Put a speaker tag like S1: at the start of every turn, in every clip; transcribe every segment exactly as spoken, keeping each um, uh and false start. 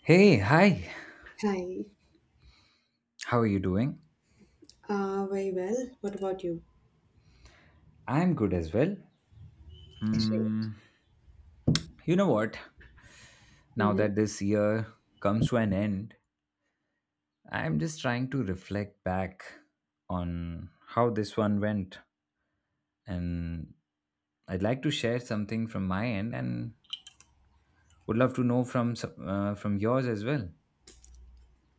S1: Hey, hi.
S2: Hi.
S1: How are you doing?
S2: Uh, very well. What about you?
S1: I'm good as well.
S2: Great.
S1: Hmm. You know what? Now
S2: hmm
S1: that this year comes to an end, I'm just trying to reflect back on how this one went. And I'd like to share something from my end and would love to know from some- uh, from yours as well.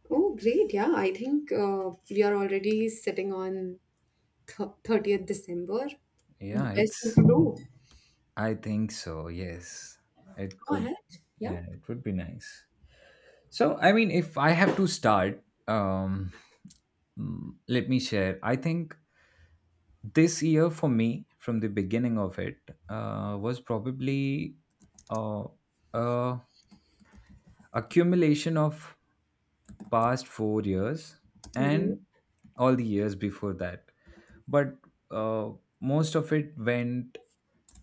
S2: Oh, great. Yeah, I think uh, we are already sitting on th thirtieth December. The
S1: Yeah,
S2: best thing
S1: it's.
S2: to do.
S1: I think so. Yes. It
S2: Go
S1: could.
S2: ahead. Yeah.
S1: Yeah, it would be nice. So, I mean, if I have to start, um, mm, let me share. I think this year for me, from the beginning of it, uh, was probably uh, uh, accumulation of past four years
S2: Mm-hmm.
S1: and all the years before that. But uh, most of it went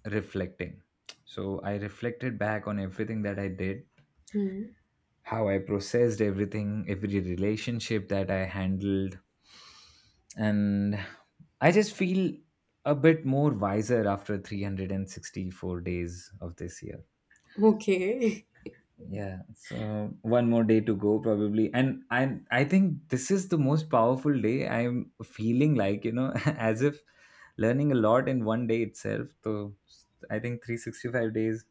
S1: reflecting. So I reflected back on everything that I did,
S2: hmm
S1: how I processed everything, every relationship that I handled. And I just feel a bit more wiser after three hundred sixty-four days of this year.
S2: Okay.
S1: Yeah, so one more day to go probably. And I I think this is the most powerful day. I'm feeling like, you know, as if learning a lot in one day itself. So I think three hundred sixty-five days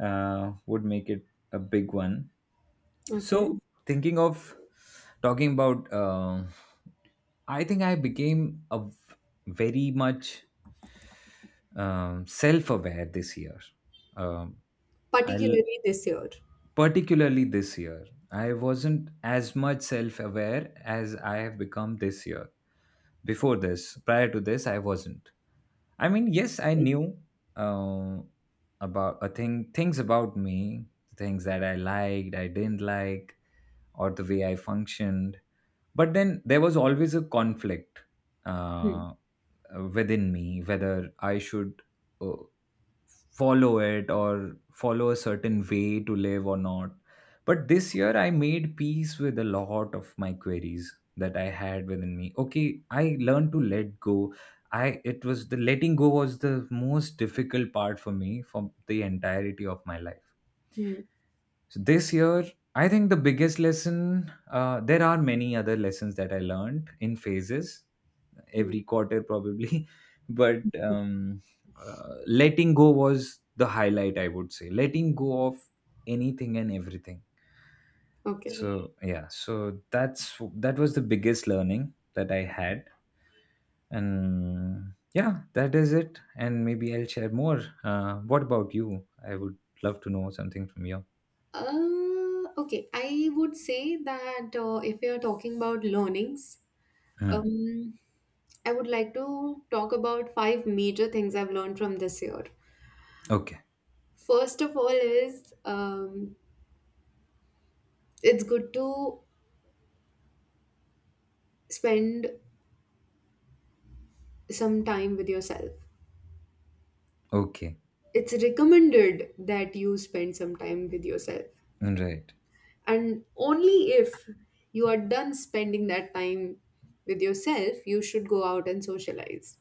S1: uh, would make it a big one. So
S2: Okay.
S1: thinking of talking about, uh, I think I became a v- very much um, self-aware this year. Um, I'll
S2: Particularly this year.
S1: particularly this year. I wasn't as much self aware as I have become this year. Before this, prior to this, I wasn't. I mean, yes, I knew uh, about a thing, things about me, things that I liked, I didn't like, or the way I functioned. But then there was always a conflict. Uh, uh, within me whether I should uh, follow it or follow a certain way to live or not. But this year I made peace with a lot of my queries that I had within me. Okay, I learned to let go. I it was the letting go was the most difficult part for me for the entirety of my life.
S2: Mm-hmm.
S1: So this year I think the biggest lesson, uh, there are many other lessons that I learned in phases every quarter probably, but um, uh, letting go was the highlight, I would say. Letting go of anything and everything.
S2: Okay.
S1: So yeah, so that's that was the biggest learning that I had. And yeah, that is it. And maybe I'll share more. Uh, what about you? I would love to know something from you.
S2: Uh, okay. I would say that uh, if we are talking about learnings,
S1: Hmm.
S2: Um, I would like to talk about five major things I've learned from this year.
S1: Okay.
S2: First of all, is um, it's good to spend some time with yourself.
S1: Okay.
S2: It's recommended that you spend some time with yourself,
S1: Right.
S2: and only if you are done spending that time with yourself, you should go out and socialize.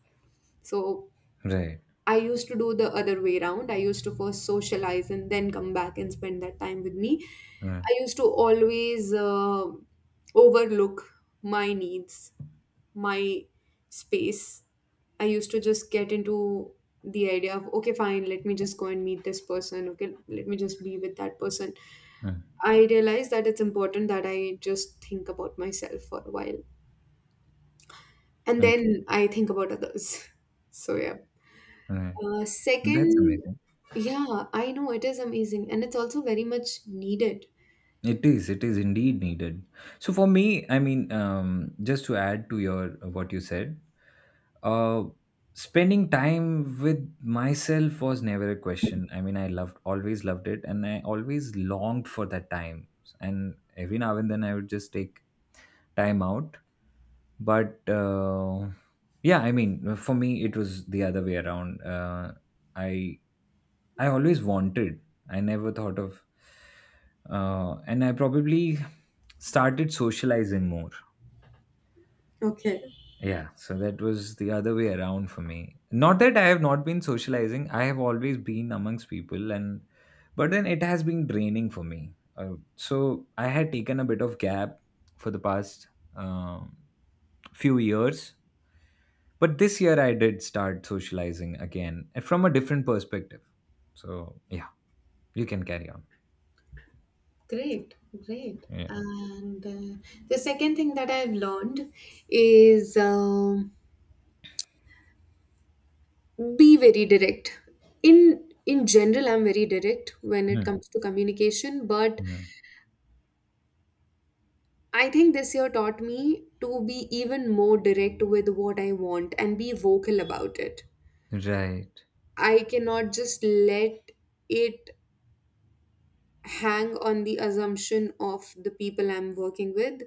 S2: So
S1: Right.
S2: I used to do the other way around. I used to first socialize and then come back and spend that time with me.
S1: Mm.
S2: I used to always uh, overlook my needs, my space. I used to just get into the idea of, okay, fine, let me just go and meet this person. Okay, let me just be with that person.
S1: Mm.
S2: I realized that it's important that I just think about myself for a while and
S1: Okay.
S2: then I think about others. So, yeah.
S1: Right.
S2: Uh,
S1: That's
S2: second,
S1: amazing.
S2: yeah, I know it is amazing and it's also very much needed.
S1: It is. It is indeed needed. So for me, I mean, um, just to add to your what you said, uh, spending time with myself was never a question. I mean, I loved, always loved it, and I always longed for that time. And every now and then, I would just take timeout. But uh, yeah, I mean, for me, it was the other way around. Uh, I I always wanted. I never thought of, uh, and I probably started socializing more.
S2: Okay.
S1: Yeah, so that was the other way around for me. Not that I have not been socializing, I have always been amongst people, and but then it has been draining for me. Uh, so I had taken a bit of gap for the past um few years. But this year I did start socializing again and from a different perspective. So yeah, you can carry on.
S2: Great, great.
S1: Yeah.
S2: And uh, the second thing that I've learned is um, be very direct. In in general, I'm very direct when it
S1: Hmm,
S2: comes to communication, but
S1: hmm.
S2: I think this year taught me to be even more direct with what I want and be vocal about it.
S1: Right.
S2: I cannot just let it hang on the assumption of the people I'm working with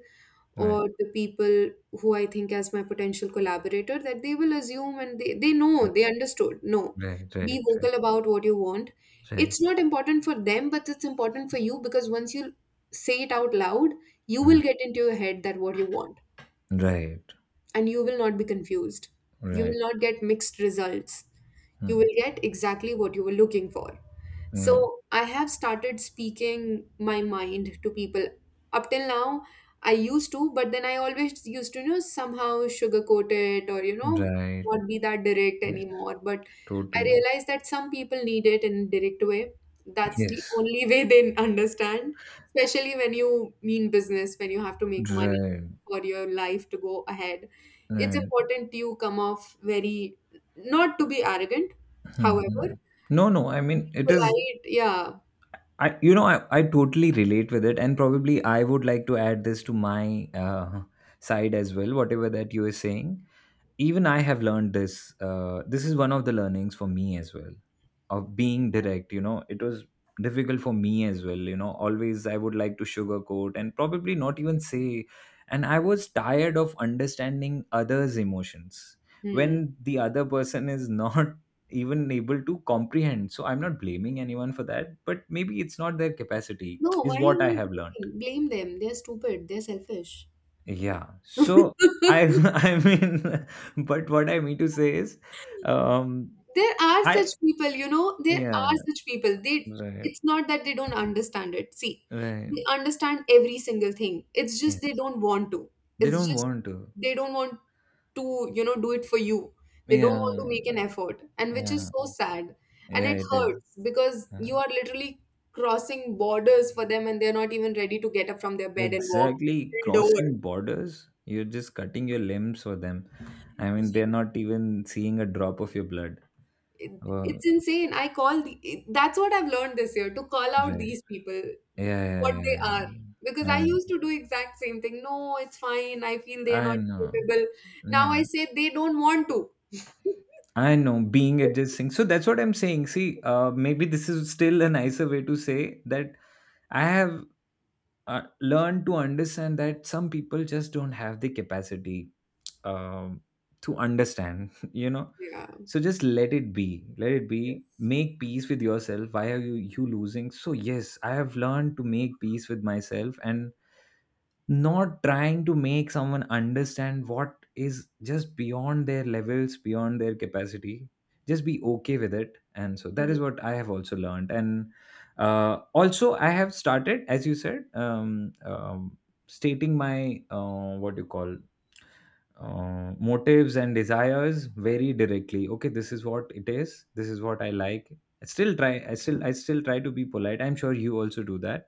S1: Right.
S2: or the people who I think as my potential collaborator, that they will assume and they, they know, they understood. No,
S1: Right.
S2: be
S1: Right. Right.
S2: vocal about what you want.
S1: Right.
S2: It's not important for them, but it's important for you, because once you say it out loud, you
S1: Hmm.
S2: will get into your head that what you want,
S1: Right.
S2: and you will not be confused. You will
S1: Right.
S2: not get mixed results. You
S1: Hmm.
S2: will get exactly what you were looking for.
S1: Right.
S2: So I have started speaking my mind to people. Up till now, I used to, but then I always used to, you know, somehow sugarcoat it, or, you know,
S1: Right.
S2: not be that direct
S1: Yes.
S2: anymore. But I
S1: Totally.
S2: realized that some people need it in a direct way. That's the
S1: Yes.
S2: only way they understand, especially when you mean business, when you have to make money
S1: Right.
S2: for your life to go ahead. It's
S1: Right.
S2: important you come off very, not to be arrogant,
S1: Hmm,
S2: however,
S1: hmm. No, no. I mean, it is.
S2: polite, yeah.
S1: I, you know, I, I totally relate with it, and probably I would like to add this to my uh, side as well. Whatever that you are saying, even I have learned this. Uh, this is one of the learnings for me as well of being direct. You know it was difficult for me as well. You know always I would like to sugarcoat and probably not even say. And I was tired of understanding others emotions
S2: Hmm.
S1: when the other person is not even able to comprehend. So I'm not blaming anyone for that, but maybe it's not their capacity
S2: No, why
S1: is
S2: are
S1: what I
S2: you
S1: have
S2: not
S1: learned.
S2: blaming? Blame them. They're stupid. They're selfish.
S1: Yeah, so I I mean but what I mean to say is um
S2: There are such
S1: I.
S2: people, you know, there
S1: Yeah.
S2: are such people. They
S1: Right.
S2: It's not that they don't understand it. See,
S1: Right.
S2: they understand every single thing. It's just they
S1: Yes.
S2: don't want to.
S1: They
S2: It's
S1: don't
S2: just
S1: want to.
S2: they don't want to, you know, do it for you. They don't want to
S1: Yeah.
S2: make an effort, and which is
S1: Yeah.
S2: so sad. And
S1: Yeah,
S2: it
S1: it is.
S2: hurts, because
S1: Uh,
S2: you are literally crossing borders for them, and they're not even ready to get up from their bed and walk
S1: exactly.
S2: till door.
S1: Crossing borders, you're just cutting your limbs for them. I mean,
S2: Yeah,
S1: they're not even seeing a drop of your blood.
S2: it-
S1: Oh,
S2: it's insane. I call the, it- That's what I've learned this year, to call out
S1: right.
S2: these people
S1: Yeah, yeah,
S2: what they
S1: yeah.
S2: are, because
S1: Yeah.
S2: I used
S1: Yeah.
S2: to do exact same thing. No, it's fine. I feel they are
S1: I
S2: not
S1: know.
S2: capable. Now
S1: Yeah.
S2: I say they don't want to.
S1: I know being adjusting. So that's what I'm saying. See, uh, maybe this is still a nicer way to say that I have uh, learn to understand that some people just don't have the capacity um, to understand. you know
S2: Yeah.
S1: so just let it be, let it be,
S2: Yes.
S1: make peace with yourself. Why are you you losing? So yes, I have learned to make peace with myself and not trying to make someone understand what is just beyond their levels, beyond their capacity. Just be okay with it. And so that is what I have also learned. And uh, also I have started, as you said, um, um, stating my uh, what do you call, uh, motives and desires very directly. Okay, this is what it is, this is what I like. I still try. I still i still try to be polite. I'm sure you also do that.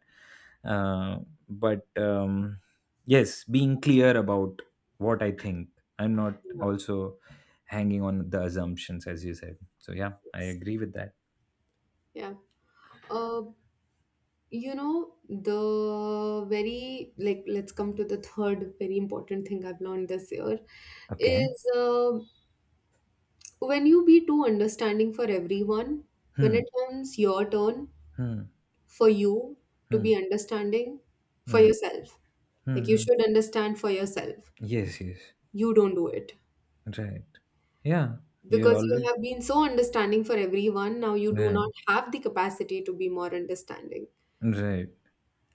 S1: uh, but um, yes, being clear about what I think. I'm not
S2: Yeah.
S1: also hanging on the assumptions, as you said. So yeah, I
S2: Yes.
S1: agree with that.
S2: Yeah. Uh, you know, the very, like, let's come to the third very important thing I've learned this year.
S1: Okay.
S2: Is uh, when you be too understanding for everyone, when
S1: Hmm.
S2: it comes your turn
S1: Hmm.
S2: for you to
S1: Hmm.
S2: be understanding for
S1: Hmm.
S2: yourself, like
S1: Hmm.
S2: you
S1: Hmm.
S2: should understand for yourself,
S1: Yes, yes.
S2: you don't do it.
S1: Right. Yeah. You're
S2: Because you
S1: always
S2: have been so understanding for everyone, now you do
S1: right.
S2: not have the capacity to be more understanding.
S1: Right.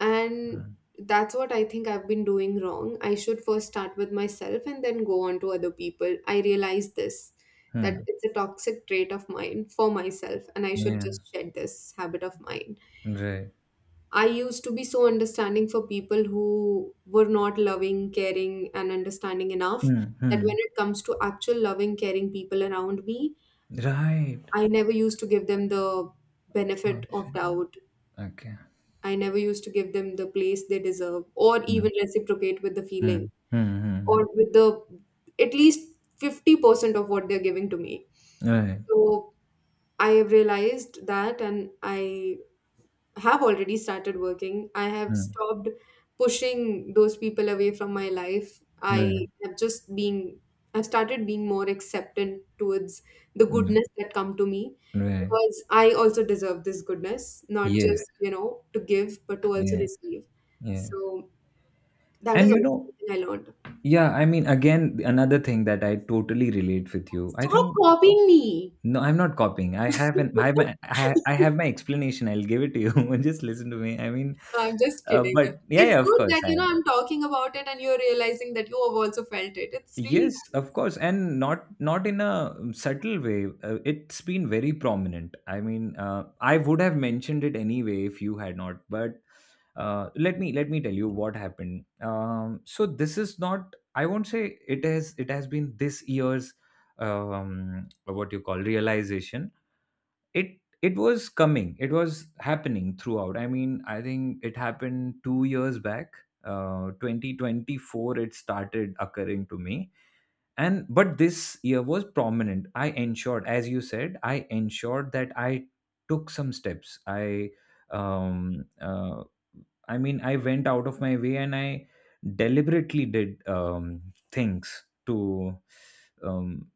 S2: And that's what I think I've been doing wrong. I should first start with myself and then go on to other people. I realize this, that
S1: Hmm.
S2: it's a toxic trait of mine for myself, and I should
S1: Yeah.
S2: just shed this habit of mine.
S1: Right.
S2: I used to be so understanding for people who were not loving, caring and understanding enough,
S1: Hmm.
S2: that
S1: Hmm.
S2: when it comes to actual loving, caring people around me,
S1: Right.
S2: I never used to give them the
S1: Oh,
S2: benefit of
S1: shit.
S2: doubt.
S1: Okay.
S2: I never used to give them the place they deserve, or
S1: Hmm.
S2: even reciprocate with the
S1: Hmm.
S2: feeling,
S1: Hmm. Hmm. Hmm.
S2: or with the at least fifty percent of what they're giving to me.
S1: Right.
S2: So I have realized that, and I have already started working. I have
S1: Hmm.
S2: stopped pushing those people away from my life.
S1: Right.
S2: I have just being I've started being more acceptant towards the
S1: Hmm.
S2: goodness that come to me,
S1: Right.
S2: because I also deserve this goodness, not
S1: Yes.
S2: just, you know, to give, but to also
S1: Yeah,
S2: receive.
S1: yeah.
S2: So that
S1: And
S2: is
S1: you
S2: also
S1: know,
S2: something I learned.
S1: yeah, I mean, again, another thing that I totally relate with you. I
S2: Stop
S1: think.
S2: copying me.
S1: No, I'm not copying. I have an I have my I ha- I have my explanation. I'll give it to you. Just listen to me. I mean,
S2: I'm just
S1: uh,
S2: kidding.
S1: but yeah,
S2: It's
S1: yeah, of
S2: good
S1: course.
S2: that,
S1: I.
S2: you know, I'm talking about it and you're realizing that you have also felt it. It's really
S1: Yes,
S2: nice.
S1: of course, and not not in a subtle way. Uh, it's been very prominent. I mean, uh, I would have mentioned it anyway if you had not. But uh, let me let me tell you what happened. Um, so this is not. I won't say it has. It has been this year's um, what you call realization. It it was coming. It was happening throughout. I mean, I think it happened two years back. Uh, twenty twenty-four, it started occurring to me. And But this year was prominent. I ensured, as you said, I ensured that I took some steps. i um uh, I mean, I went out of my way and I deliberately did um things to um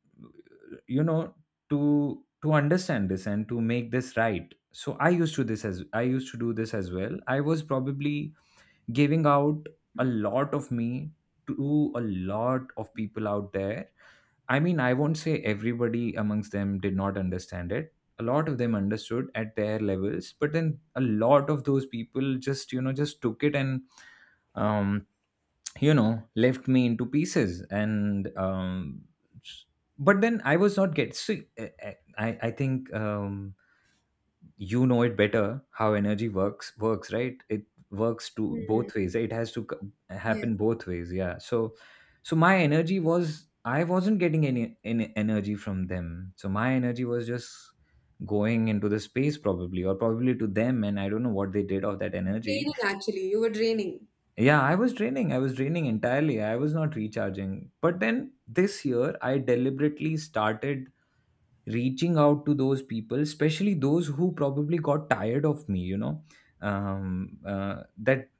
S1: you know to to understand this and to make this right. So i used to this as i used to do this as well. I was probably giving out a lot of me to a lot of people out there. I mean, I won't say everybody amongst them did not understand it. A lot of them understood at their levels, but then a lot of those people just, you know, just took it, and um, you know, left me into pieces. And um, s- but then I was not get. See, I, I I think um, you know it better how energy works works, right? It works to
S2: Hmm.
S1: both ways, right? It has to c-
S2: Yes.
S1: happen both ways. Yeah, so so my energy was. I wasn't getting any, any energy from them, so my energy was just going into the space probably or probably to them, and I don't know what they did of that energy.
S2: Draining, actually. You were draining.
S1: Yeah, i was draining i was draining entirely. I was not recharging. But then this year I deliberately started reaching out to those people, especially those who probably got tired of me, you know um, uh, that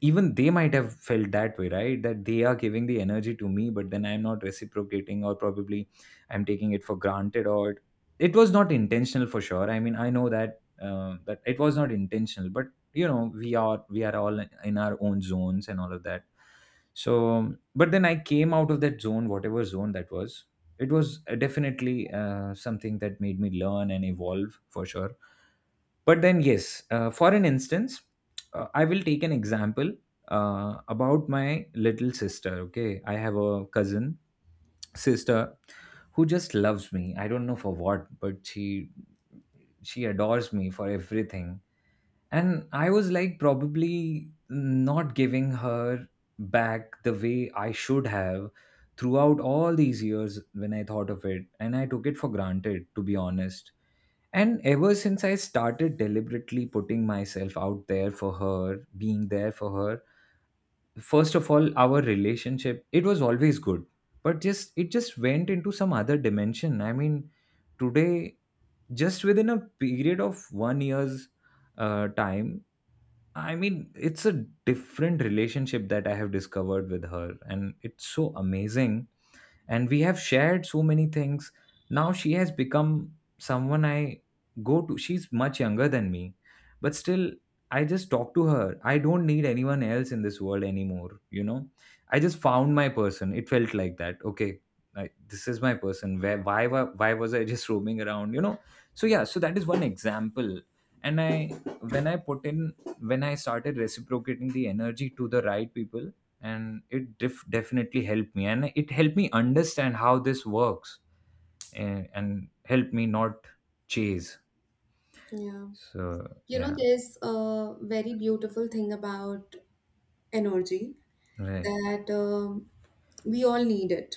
S1: even they might have felt that way, right? That they are giving the energy to me, but then I'm not reciprocating, or probably I'm taking it for granted, or it was not intentional for sure. I mean, I know that uh, that it was not intentional. But you know we are we are all in our own zones and all of that. So but then I came out of that zone, whatever zone that was. It was uh, definitely uh, something that made me learn and evolve for sure. But then yes, uh, for an instance, uh, I will take an example, uh, about my little sister. Okay, I have a cousin sister who just loves me, I don't know for what, but she she adores me for everything. And I was like, probably not giving her back the way I should have throughout all these years when I thought of it. And I took it for granted, to be honest. And ever since I started deliberately putting myself out there for her, being there for her, first of all, our relationship, it was always good. But just, it just went into some other dimension. I mean, today, just within a period of one year's uh, time, I mean, it's a different relationship that I have discovered with her, and it's so amazing, and we have shared so many things. Now she has become someone I go to. She's much younger than me, but still, I just talk to her. I don't need anyone else in this world anymore, you know i just found my person, it felt like that. Okay, like this is my person. Where why wa- why was I just roaming around you know So yeah, so that is one example. And I when i put in when I started reciprocating the energy to the right people, and it def- definitely helped me, and it helped me understand how this works, and, and helped me not chase.
S2: Yeah.
S1: So
S2: You know,
S1: yeah.
S2: there's a very beautiful thing about energy,
S1: Right,
S2: that um, we all need it.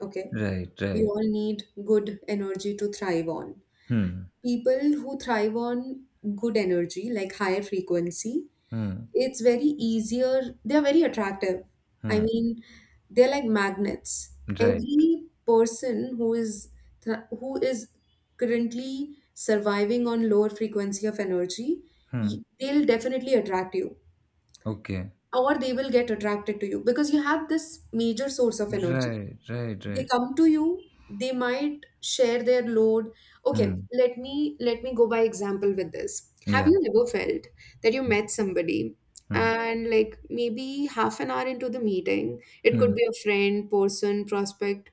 S2: Okay.
S1: right,
S2: We
S1: right.
S2: all need good energy to thrive on.
S1: Hmm,
S2: People who thrive on good energy, like higher frequency,
S1: hmm,
S2: it's very easier. They're very attractive. I
S1: hmm.
S2: mean, they're like magnets.
S1: Right.
S2: Every person who is th- who is currently surviving on lower frequency of energy,
S1: Hmm.
S2: y- they'll definitely attract you,
S1: Okay.
S2: or they will get attracted to you because you have this major source of energy.
S1: Right, right,
S2: They
S1: right.
S2: come to you. They might share their load. Okay,
S1: Hmm.
S2: let me let me go by example with this. Have
S1: Yeah.
S2: you ever felt that you
S1: Hmm,
S2: met somebody,
S1: hmm,
S2: and like, maybe half an hour into the meeting, it could
S1: hmm,
S2: be a friend, person, prospect,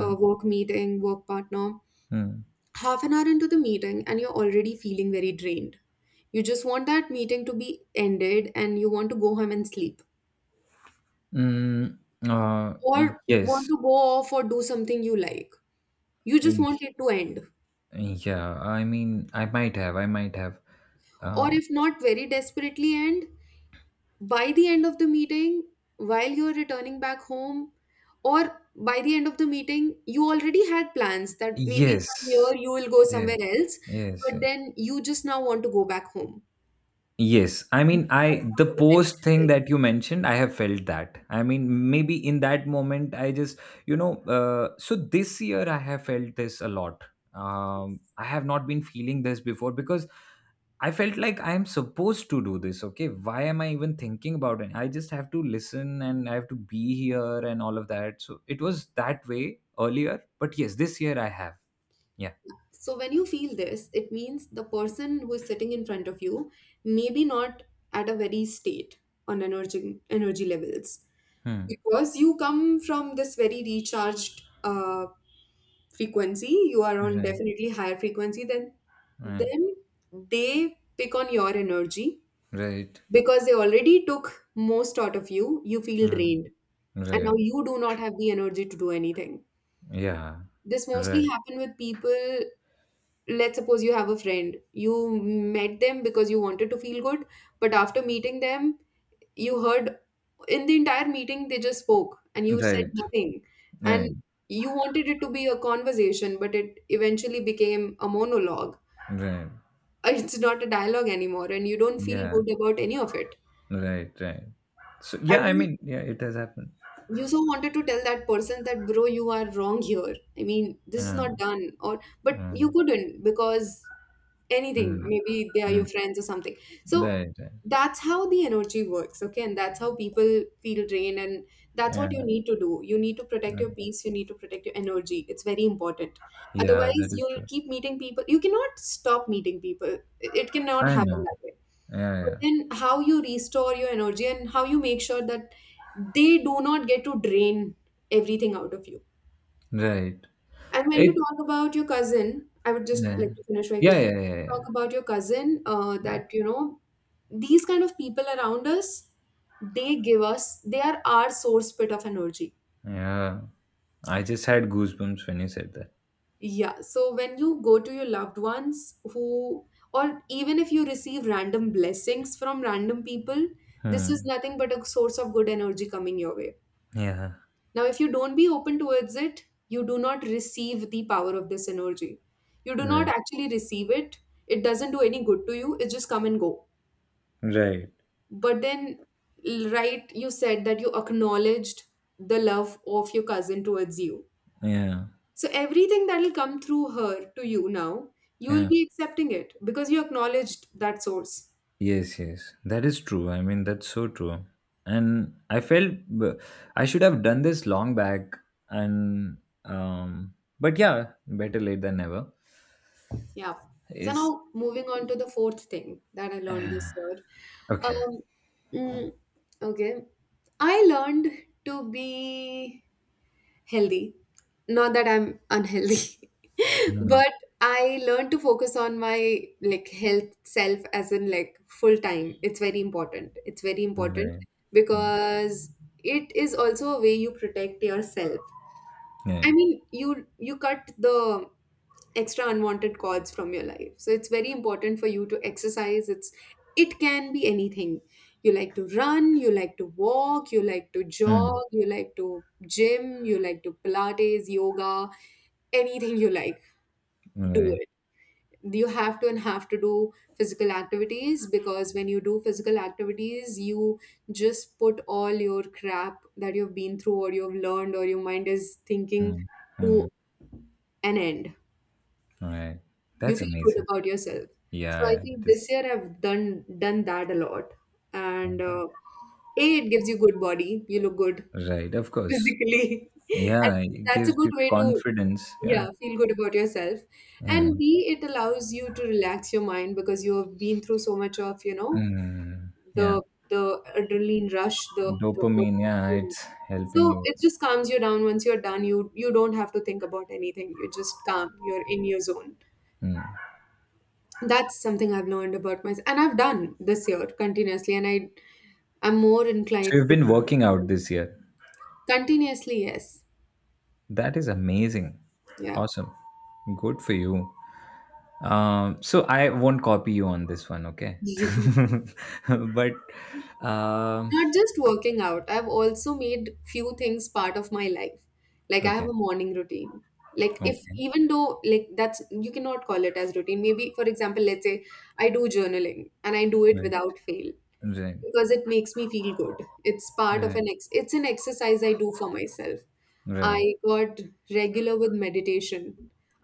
S2: uh, work meeting, work partner,
S1: hmm.
S2: half an hour into the meeting and you're already feeling very drained. You just want that meeting to be ended, and you want to go home and sleep,
S1: Mm. uh
S2: or want
S1: yes.
S2: to go off or do something you like. You just
S1: Uh,
S2: want it to end,
S1: yeah, I mean, i might have I might have.
S2: or
S1: uh
S2: if not very desperately, and by the end of the meeting, while you're returning back home, or by the end of the meeting, you already had plans that maybe from
S1: yes,
S2: here you will go
S1: yes,
S2: somewhere else, but
S1: yes, yes.
S2: then you just now want to go back home.
S1: Yes, I
S2: You
S1: mean,
S2: don't
S1: I
S2: want
S1: the
S2: to go
S1: post
S2: anywhere
S1: thing
S2: else.
S1: that you mentioned, I have felt that. I mean, maybe in that moment, I just, you know, uh, so this year I have felt this a lot. Um, I have not been feeling this before because I felt like I am supposed to do this. Okay, why am I even thinking about it? I just have to listen and I have to be here and all of that. So it was that way earlier, but yes, this year I have. Yeah.
S2: So when you feel this, it means the person who is sitting in front of you maybe not at a very state on energy energy levels,
S1: Hmm.
S2: because you come from this very recharged uh, frequency. You are on
S1: Right.
S2: definitely higher frequency. Then
S1: Right.
S2: then they pick on your energy,
S1: Right.
S2: because they already took most out of you. You feel
S1: Hmm.
S2: drained, and now
S1: Right.
S2: you do not have the energy to do anything.
S1: Yeah.
S2: This mostly
S1: Right.
S2: happen with people. Let's suppose you have a friend. You met them because you wanted to feel good, but after meeting them, you heard in the entire meeting they just spoke and you said
S1: Right.
S2: nothing.
S1: Right.
S2: And you wanted it to be a conversation, but it eventually became a monologue.
S1: Right.
S2: It's not a dialogue anymore, and you don't feel
S1: Yeah.
S2: good about any of it.
S1: Right. Right. So yeah,
S2: And
S1: I
S2: you
S1: mean, yeah, it has happened.
S2: you so wanted to tell that person that bro, you are wrong here. I mean, this is
S1: Yeah.
S2: not done. Or, but you
S1: Mm,
S2: couldn't, because anything,
S1: mm,
S2: maybe they are your
S1: mm.
S2: friends or something. So
S1: Right. Right.
S2: that's how the energy works. Okay, and that's how people feel drained. And that's what you
S1: Yeah.
S2: need to do. You need to protect your
S1: Mm.
S2: peace. You need to protect your energy. It's very important.
S1: Yeah,
S2: Otherwise,
S1: that is
S2: you'll
S1: true.
S2: keep meeting people. You cannot stop meeting people. It it cannot
S1: I
S2: happen
S1: know.
S2: that way.
S1: Yeah.
S2: But
S1: Yeah.
S2: then, how you restore your energy, and how you make sure that they do not get to drain everything out of you.
S1: Right.
S2: And when you
S1: It.
S2: talk about your cousin, I would just
S1: Yeah.
S2: like to finish very
S1: Yeah.
S2: quickly.
S1: Yeah. Yeah. Yeah.
S2: Talk about your cousin, uh, that, you know, these kind of people around us, they give us, they are our source bit of energy.
S1: Yeah. I just had goosebumps when you said that.
S2: Yeah. So when you go to your loved ones who, or even if you receive random blessings from random people, this is
S1: Hmm.
S2: nothing but a source of good energy coming your way.
S1: Yeah.
S2: Now, if you don't be open towards it, you do not receive the power of this energy. You do not
S1: Right.
S2: actually receive it. It doesn't do any good to you. It just come and go.
S1: Right.
S2: But then, l- right, you said that you acknowledged the love of your cousin towards you.
S1: Yeah.
S2: So everything that will come through her to you now, you will
S1: Yeah.
S2: be accepting it, because you acknowledged that source.
S1: Yes, yes, that is true. I mean, that's so true. And I felt b- I should have done this long back. And um, but yeah, better late than never.
S2: Yeah. So
S1: Is
S2: now moving on to the fourth thing that I learned this year.
S1: Okay.
S2: Um, mm, okay. I learned to be healthy. Not that I'm unhealthy,
S1: Mm.
S2: but I learned to focus on my like health self, as in like full time. It's very important. It's very important
S1: Right. Mm.
S2: because it is also a way you protect yourself.
S1: Yeah.
S2: I mean, you you cut the extra unwanted cords from your life. So it's very important for you to exercise. It's it can be anything. You like to run, you like to walk, you like to jog,
S1: Mm.
S2: you like to gym, you like to Pilates, yoga, anything you like, do
S1: Right.
S2: it. You have to and have to do physical activities because when you do physical activities, you just put all your crap that you've been through or you've learned or your mind is thinking
S1: Mm, mm.
S2: to an end.
S1: Right.
S2: You
S1: That's
S2: feel good
S1: amazing.
S2: about yourself. So
S1: Yeah,
S2: I
S1: yeah.
S2: think
S1: It
S2: this
S1: is.
S2: year I've done done that a lot, and
S1: Mm.
S2: uh, a, it gives you good body. You look good
S1: Right. Of course.
S2: physically, and
S1: Yeah. It
S2: that's a
S1: gives
S2: good
S1: you
S2: way to
S1: confidence. Yeah.
S2: yeah, feel good about yourself.
S1: Yeah.
S2: And b, it allows you to relax your mind because you have been through so much of you know
S1: Mm, yeah.
S2: the the adrenaline rush, the the work,
S1: Dopamine. Yeah. It's helping
S2: so
S1: you.
S2: it just calms you down. Once you're done, you you don't have to think about anything. You just calm. You're in your zone.
S1: Mm.
S2: That's something I've learned about myself, and I've done this year continuously, and I I'm more
S1: So
S2: inclined
S1: you've
S2: to
S1: been working out this year.
S2: continuously, yes,
S1: That is amazing.
S2: yeah.
S1: Awesome. Good for you. Um, so I won't copy you on this one, okay? but um,
S2: Not just working out. I've also made few things part of my life. Like I have
S1: okay,
S2: a morning routine. Like if
S1: okay,
S2: even though like that's you cannot call it as routine. Maybe for example, let's say I do journaling and I do it
S1: right,
S2: without fail,
S1: right,
S2: because it makes me feel good. It's part of
S1: right,
S2: an ex it's an exercise I do for myself.
S1: right.
S2: I got regular with meditation.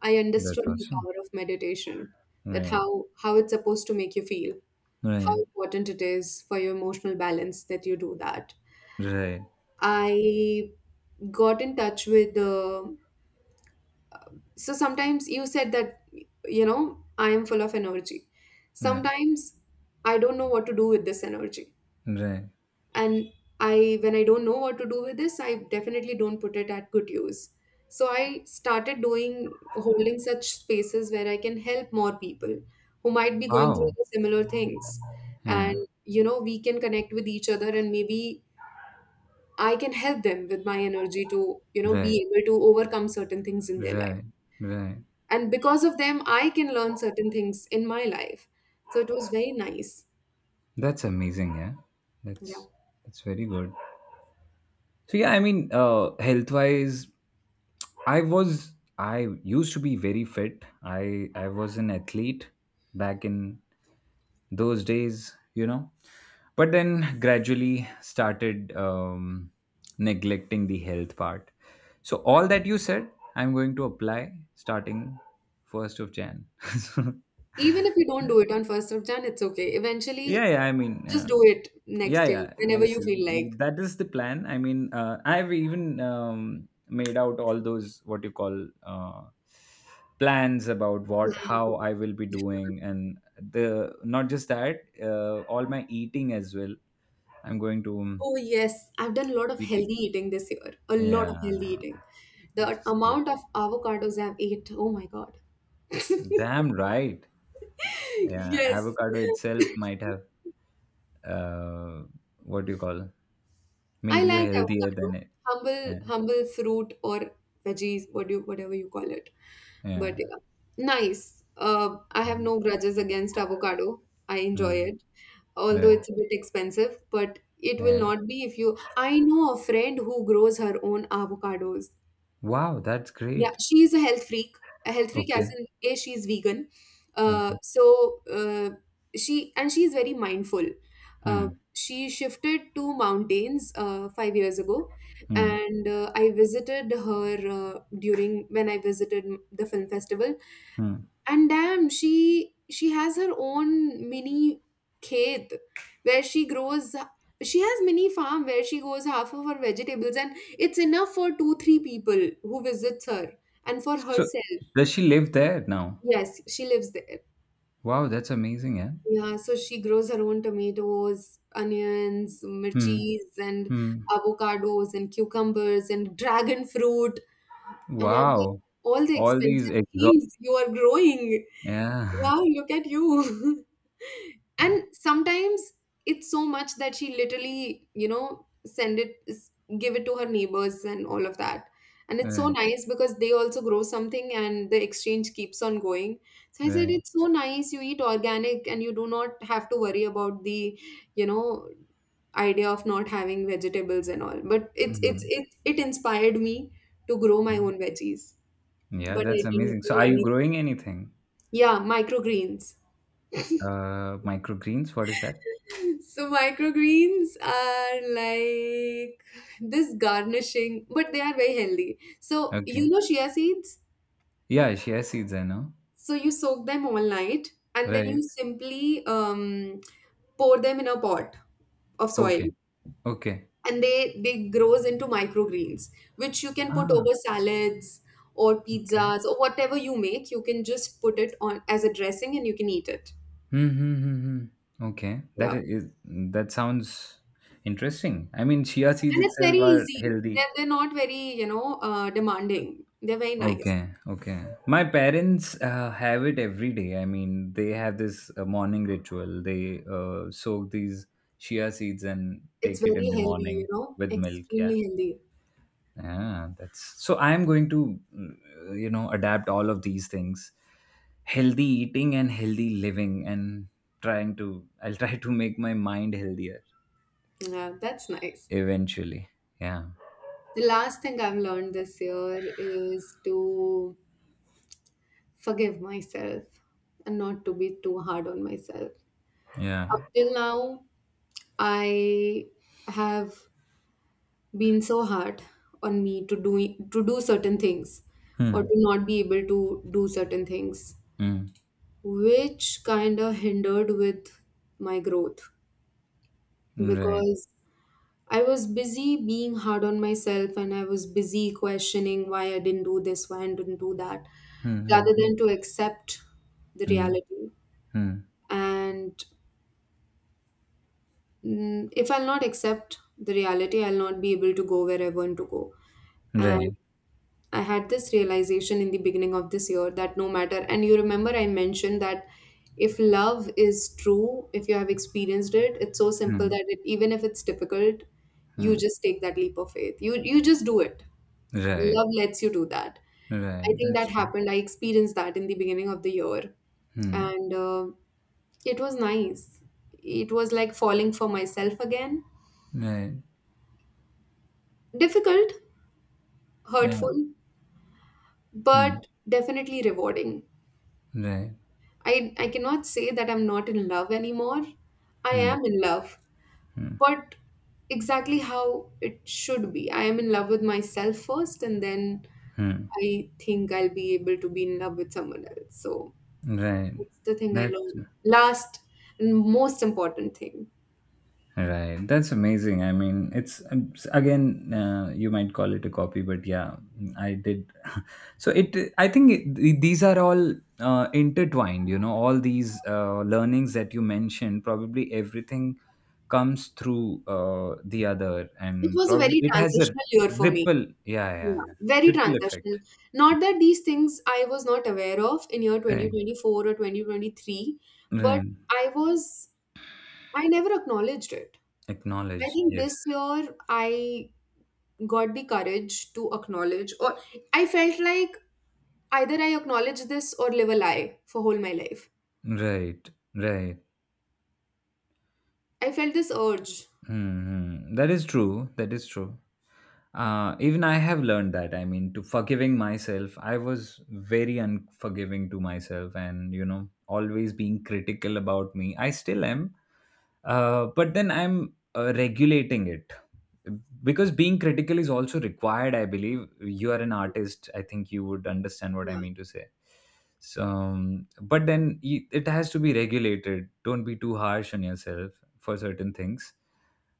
S2: I
S1: That's
S2: understood the
S1: awesome.
S2: power of meditation, that
S1: Right,
S2: how how it's supposed to make you feel, how
S1: right,
S2: important it is for your emotional balance that you do that.
S1: right,
S2: I got in touch with the so sometimes you said that you know I am full of energy.
S1: right,
S2: Sometimes I don't know what to do with this energy.
S1: right.
S2: And I, when I don't know what to do with this, I definitely don't put it at good use, so I started doing holding such spaces where I can help more people who might be going through
S1: Wow.
S2: the similar things.
S1: Yeah.
S2: And you know we can connect with each other and maybe I can help them with my energy to you know be
S1: Right,
S2: able to overcome certain things in their life,
S1: right, right.
S2: and because of them I can learn certain things in my life. So it was very nice,
S1: That's amazing. Yeah.
S2: yeah.
S1: That's that's very good. So yeah, I mean, uh, health wise, I was I used to be very fit. I I was an athlete back in those days, you know. But then gradually started um, neglecting the health part. So all that you said, I'm going to apply starting first of Jan. Yeah,
S2: Even if you don't do it on first of Jan, it's okay. Eventually,
S1: yeah. I mean,
S2: just
S1: uh,
S2: do it
S1: yeah,
S2: next year
S1: yeah,
S2: whenever
S1: yes,
S2: you
S1: yes,
S2: feel like.
S1: that is the plan. I mean, uh, I've even um, made out all those, what you call, uh, plans about
S2: Plan
S1: what,
S2: for
S1: how I will be
S2: it.
S1: doing. And the not just that, uh, all my eating as well. I'm going to, um,
S2: Oh, yes. I've done a lot of healthy
S1: eating.
S2: eating this year. A lot of healthy
S1: Yeah.
S2: eating.
S1: That's
S2: The
S1: just good.
S2: amount of avocados I've ate, oh my God.
S1: Damn right. Yeah,
S2: Yes.
S1: avocado itself might have, uh, what do you call,
S2: I
S1: made you
S2: like
S1: healthier
S2: avocado,
S1: than it.
S2: humble
S1: Yeah.
S2: humble fruit or veggies, what you whatever you call it. But
S1: Yeah,
S2: yeah, nice. Uh, I have
S1: yeah.
S2: no grudges against avocado. I enjoy
S1: Mm,
S2: it, although
S1: right,
S2: it's a bit expensive, but it will
S1: yeah.
S2: not be if you. I know a friend who grows her own avocados.
S1: Wow, that's
S2: Yeah,
S1: great.
S2: she's a health freak. A health freak as
S1: Okay,
S2: in A, she's vegan. Uh,
S1: okay.
S2: so uh, she and she's very mindful. Uh,
S1: Hmm,
S2: she shifted to mountains uh, five years ago,
S1: hmm,
S2: and uh, I visited her uh, during when I visited m- the film festival,
S1: hmm.
S2: and damn, she she has her own mini khet where she grows, she has mini farm where she grows half of her vegetables, and it's enough for two three people who visits her and for
S1: So,
S2: herself.
S1: does she live there now?
S2: Yes, she lives there.
S1: Wow, that's amazing, yeah.
S2: Yeah, so she grows her own tomatoes, onions,
S1: Hmm,
S2: mirchis and
S1: hmm.
S2: avocados and cucumbers and dragon fruit, and I'm like,
S1: Wow,
S2: all the
S1: all these
S2: expensive
S1: exhaust.
S2: things you are growing,
S1: Yeah.
S2: wow, look at you. And sometimes it's so much that she literally you know send it s- give it to her neighbors and all of that, and it's so
S1: Right,
S2: nice because they also grow something and the exchange keeps on going. So I said
S1: right.
S2: it's so nice, you eat organic and you do not have to worry about the you know idea of not having vegetables and all. But it's it's
S1: Hmm,
S2: it, it inspired me to grow my
S1: hmm.
S2: own veggies.
S1: Yeah,
S2: But I
S1: that's
S2: didn't
S1: amazing. So,
S2: do
S1: are you
S2: any,
S1: growing anything?
S2: yeah, microgreens.
S1: Uh, microgreens. What is that?
S2: So microgreens are like this garnishing, but they are very healthy. So you
S1: Okay.
S2: know chia seeds.
S1: Yeah, she has seeds. I know.
S2: So you soak them all night, and then you
S1: Right.
S2: simply um, pour them in a pot of soil,
S1: Okay. Okay.
S2: and they they grows into microgreens, which you can put
S1: Ah.
S2: over salads or
S1: Okay.
S2: pizzas or whatever you make. You can just put it on as a dressing, and you can eat it.
S1: Hmm, hmm, hmm, hmm. Okay, that
S2: Yeah,
S1: is, that sounds interesting. I mean, chia seeds
S2: and it's very
S1: itself are
S2: easy.
S1: healthy.
S2: They're they're not very you know uh, demanding. They're very nice.
S1: Okay, okay. My parents uh, have it every day. I mean, they have this uh, morning ritual. They uh, soak these chia seeds and
S2: It's
S1: take it
S2: very
S1: in the
S2: healthy, you
S1: morning
S2: know,
S1: with milk. Yeah.
S2: extremely healthy.
S1: Yeah, that's so. I am going to, mm, you know, adapt all of these things, healthy eating and healthy living, and trying to, I'll try to make my mind healthier.
S2: Yeah, that's nice.
S1: Eventually. Yeah.
S2: The last thing I've learned this year is to forgive myself and not to be too hard on myself. Up
S1: Yeah.
S2: till now, I have been so hard on me to do to do certain things or
S1: Hmm.
S2: to not be able to do certain things,
S1: Hmm.
S2: which kind of hindered with my growth
S1: Right.
S2: because I was busy being hard on myself and I was busy questioning why I didn't do this, why I didn't do that,
S1: Hmm.
S2: rather
S1: Hmm.
S2: than to accept the
S1: Hmm. Hmm.
S2: reality.
S1: Hmm.
S2: And mm, if I'll not accept the reality, I'll not be able to go where I want to go. And
S1: Right.
S2: I had this realization in the beginning of this year that no matter, and you remember I mentioned that if love is true, if you have experienced it, it's so simple
S1: Hmm.
S2: that it, even if it's difficult, you
S1: Hmm.
S2: just take that leap of faith. You you just do it.
S1: Right.
S2: Love lets you do that. I
S1: Right.
S2: think
S1: That's
S2: that
S1: true.
S2: happened. I experienced that in the beginning of the year,
S1: Hmm.
S2: and uh, it was nice. It was like falling for myself again.
S1: Right.
S2: Difficult,
S1: Yeah.
S2: hurtful,
S1: Hmm.
S2: but definitely rewarding.
S1: Right.
S2: I I cannot say that I'm not in love anymore. I
S1: Hmm.
S2: am in love,
S1: Hmm.
S2: but exactly how it should be. I am in love with myself first, and then
S1: Hmm.
S2: I think I'll be able to be in love with someone else. So
S1: Right.
S2: that's the thing I
S1: That's
S2: learned. Last and most important thing.
S1: right, that's amazing. I mean, it's um, s- again, uh, you might call it a copy, but yeah, I did. So it, I think it, th- these are all uh, intertwined. You know, all these uh, learnings that you mentioned, probably everything comes through uh, the other,
S2: It
S1: and
S2: was a
S1: probably
S2: very
S1: it has a
S2: transitional year for me.
S1: ripple. Yeah, yeah,
S2: Yeah,
S1: yeah.
S2: very
S1: Ripple
S2: transitional.
S1: effect.
S2: Not that these things I was not aware of in year
S1: Right,
S2: twenty twenty-four or twenty twenty-three, but
S1: right.
S2: I was, I never acknowledged it. I
S1: Acknowledged.
S2: think
S1: Yes.
S2: this year I got the courage to acknowledge, or I felt like either I acknowledge this or live a lie for whole my life.
S1: Right, right.
S2: I felt this urge.
S1: Hmm. That is true. That is true. Uh, even I have learned that. I mean, to forgiving myself, I was very unforgiving to myself, and you know, always being critical about me. I still am, uh, but then I'm uh, regulating it because being critical is also required. I believe you are an artist. I think you would understand what I mean to say. So, um, but then you, it has to be regulated. Don't be too harsh on yourself for certain things,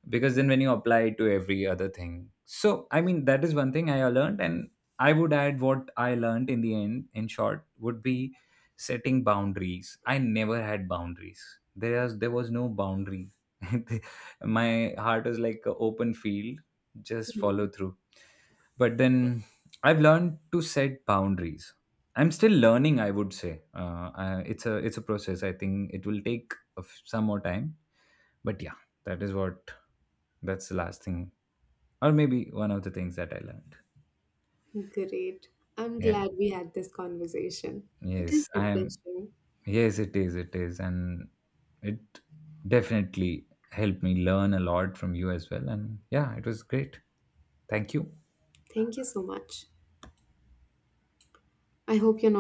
S1: because then when you apply it to every other thing. So I mean, that is one thing I learned. And I would add what I learned in the end, in short, would be setting boundaries. I never had boundaries. There was there was no boundary. My heart is like an open field. Just
S2: Yeah.
S1: follow through. But then, I've learned to set boundaries. I'm still learning, I would say. Uh, I, it's a it's a process. I think it will take of some more time. But yeah, that is what, that's the last thing, or maybe one of the things that I learned.
S2: Great. I'm
S1: Yeah.
S2: glad we had this conversation. It is
S1: Yes, I am.
S2: refreshing.
S1: Yes, it is. It is, and it definitely helped me learn a lot from you as well. And yeah, it was great. Thank you.
S2: Thank you so much. I hope you're not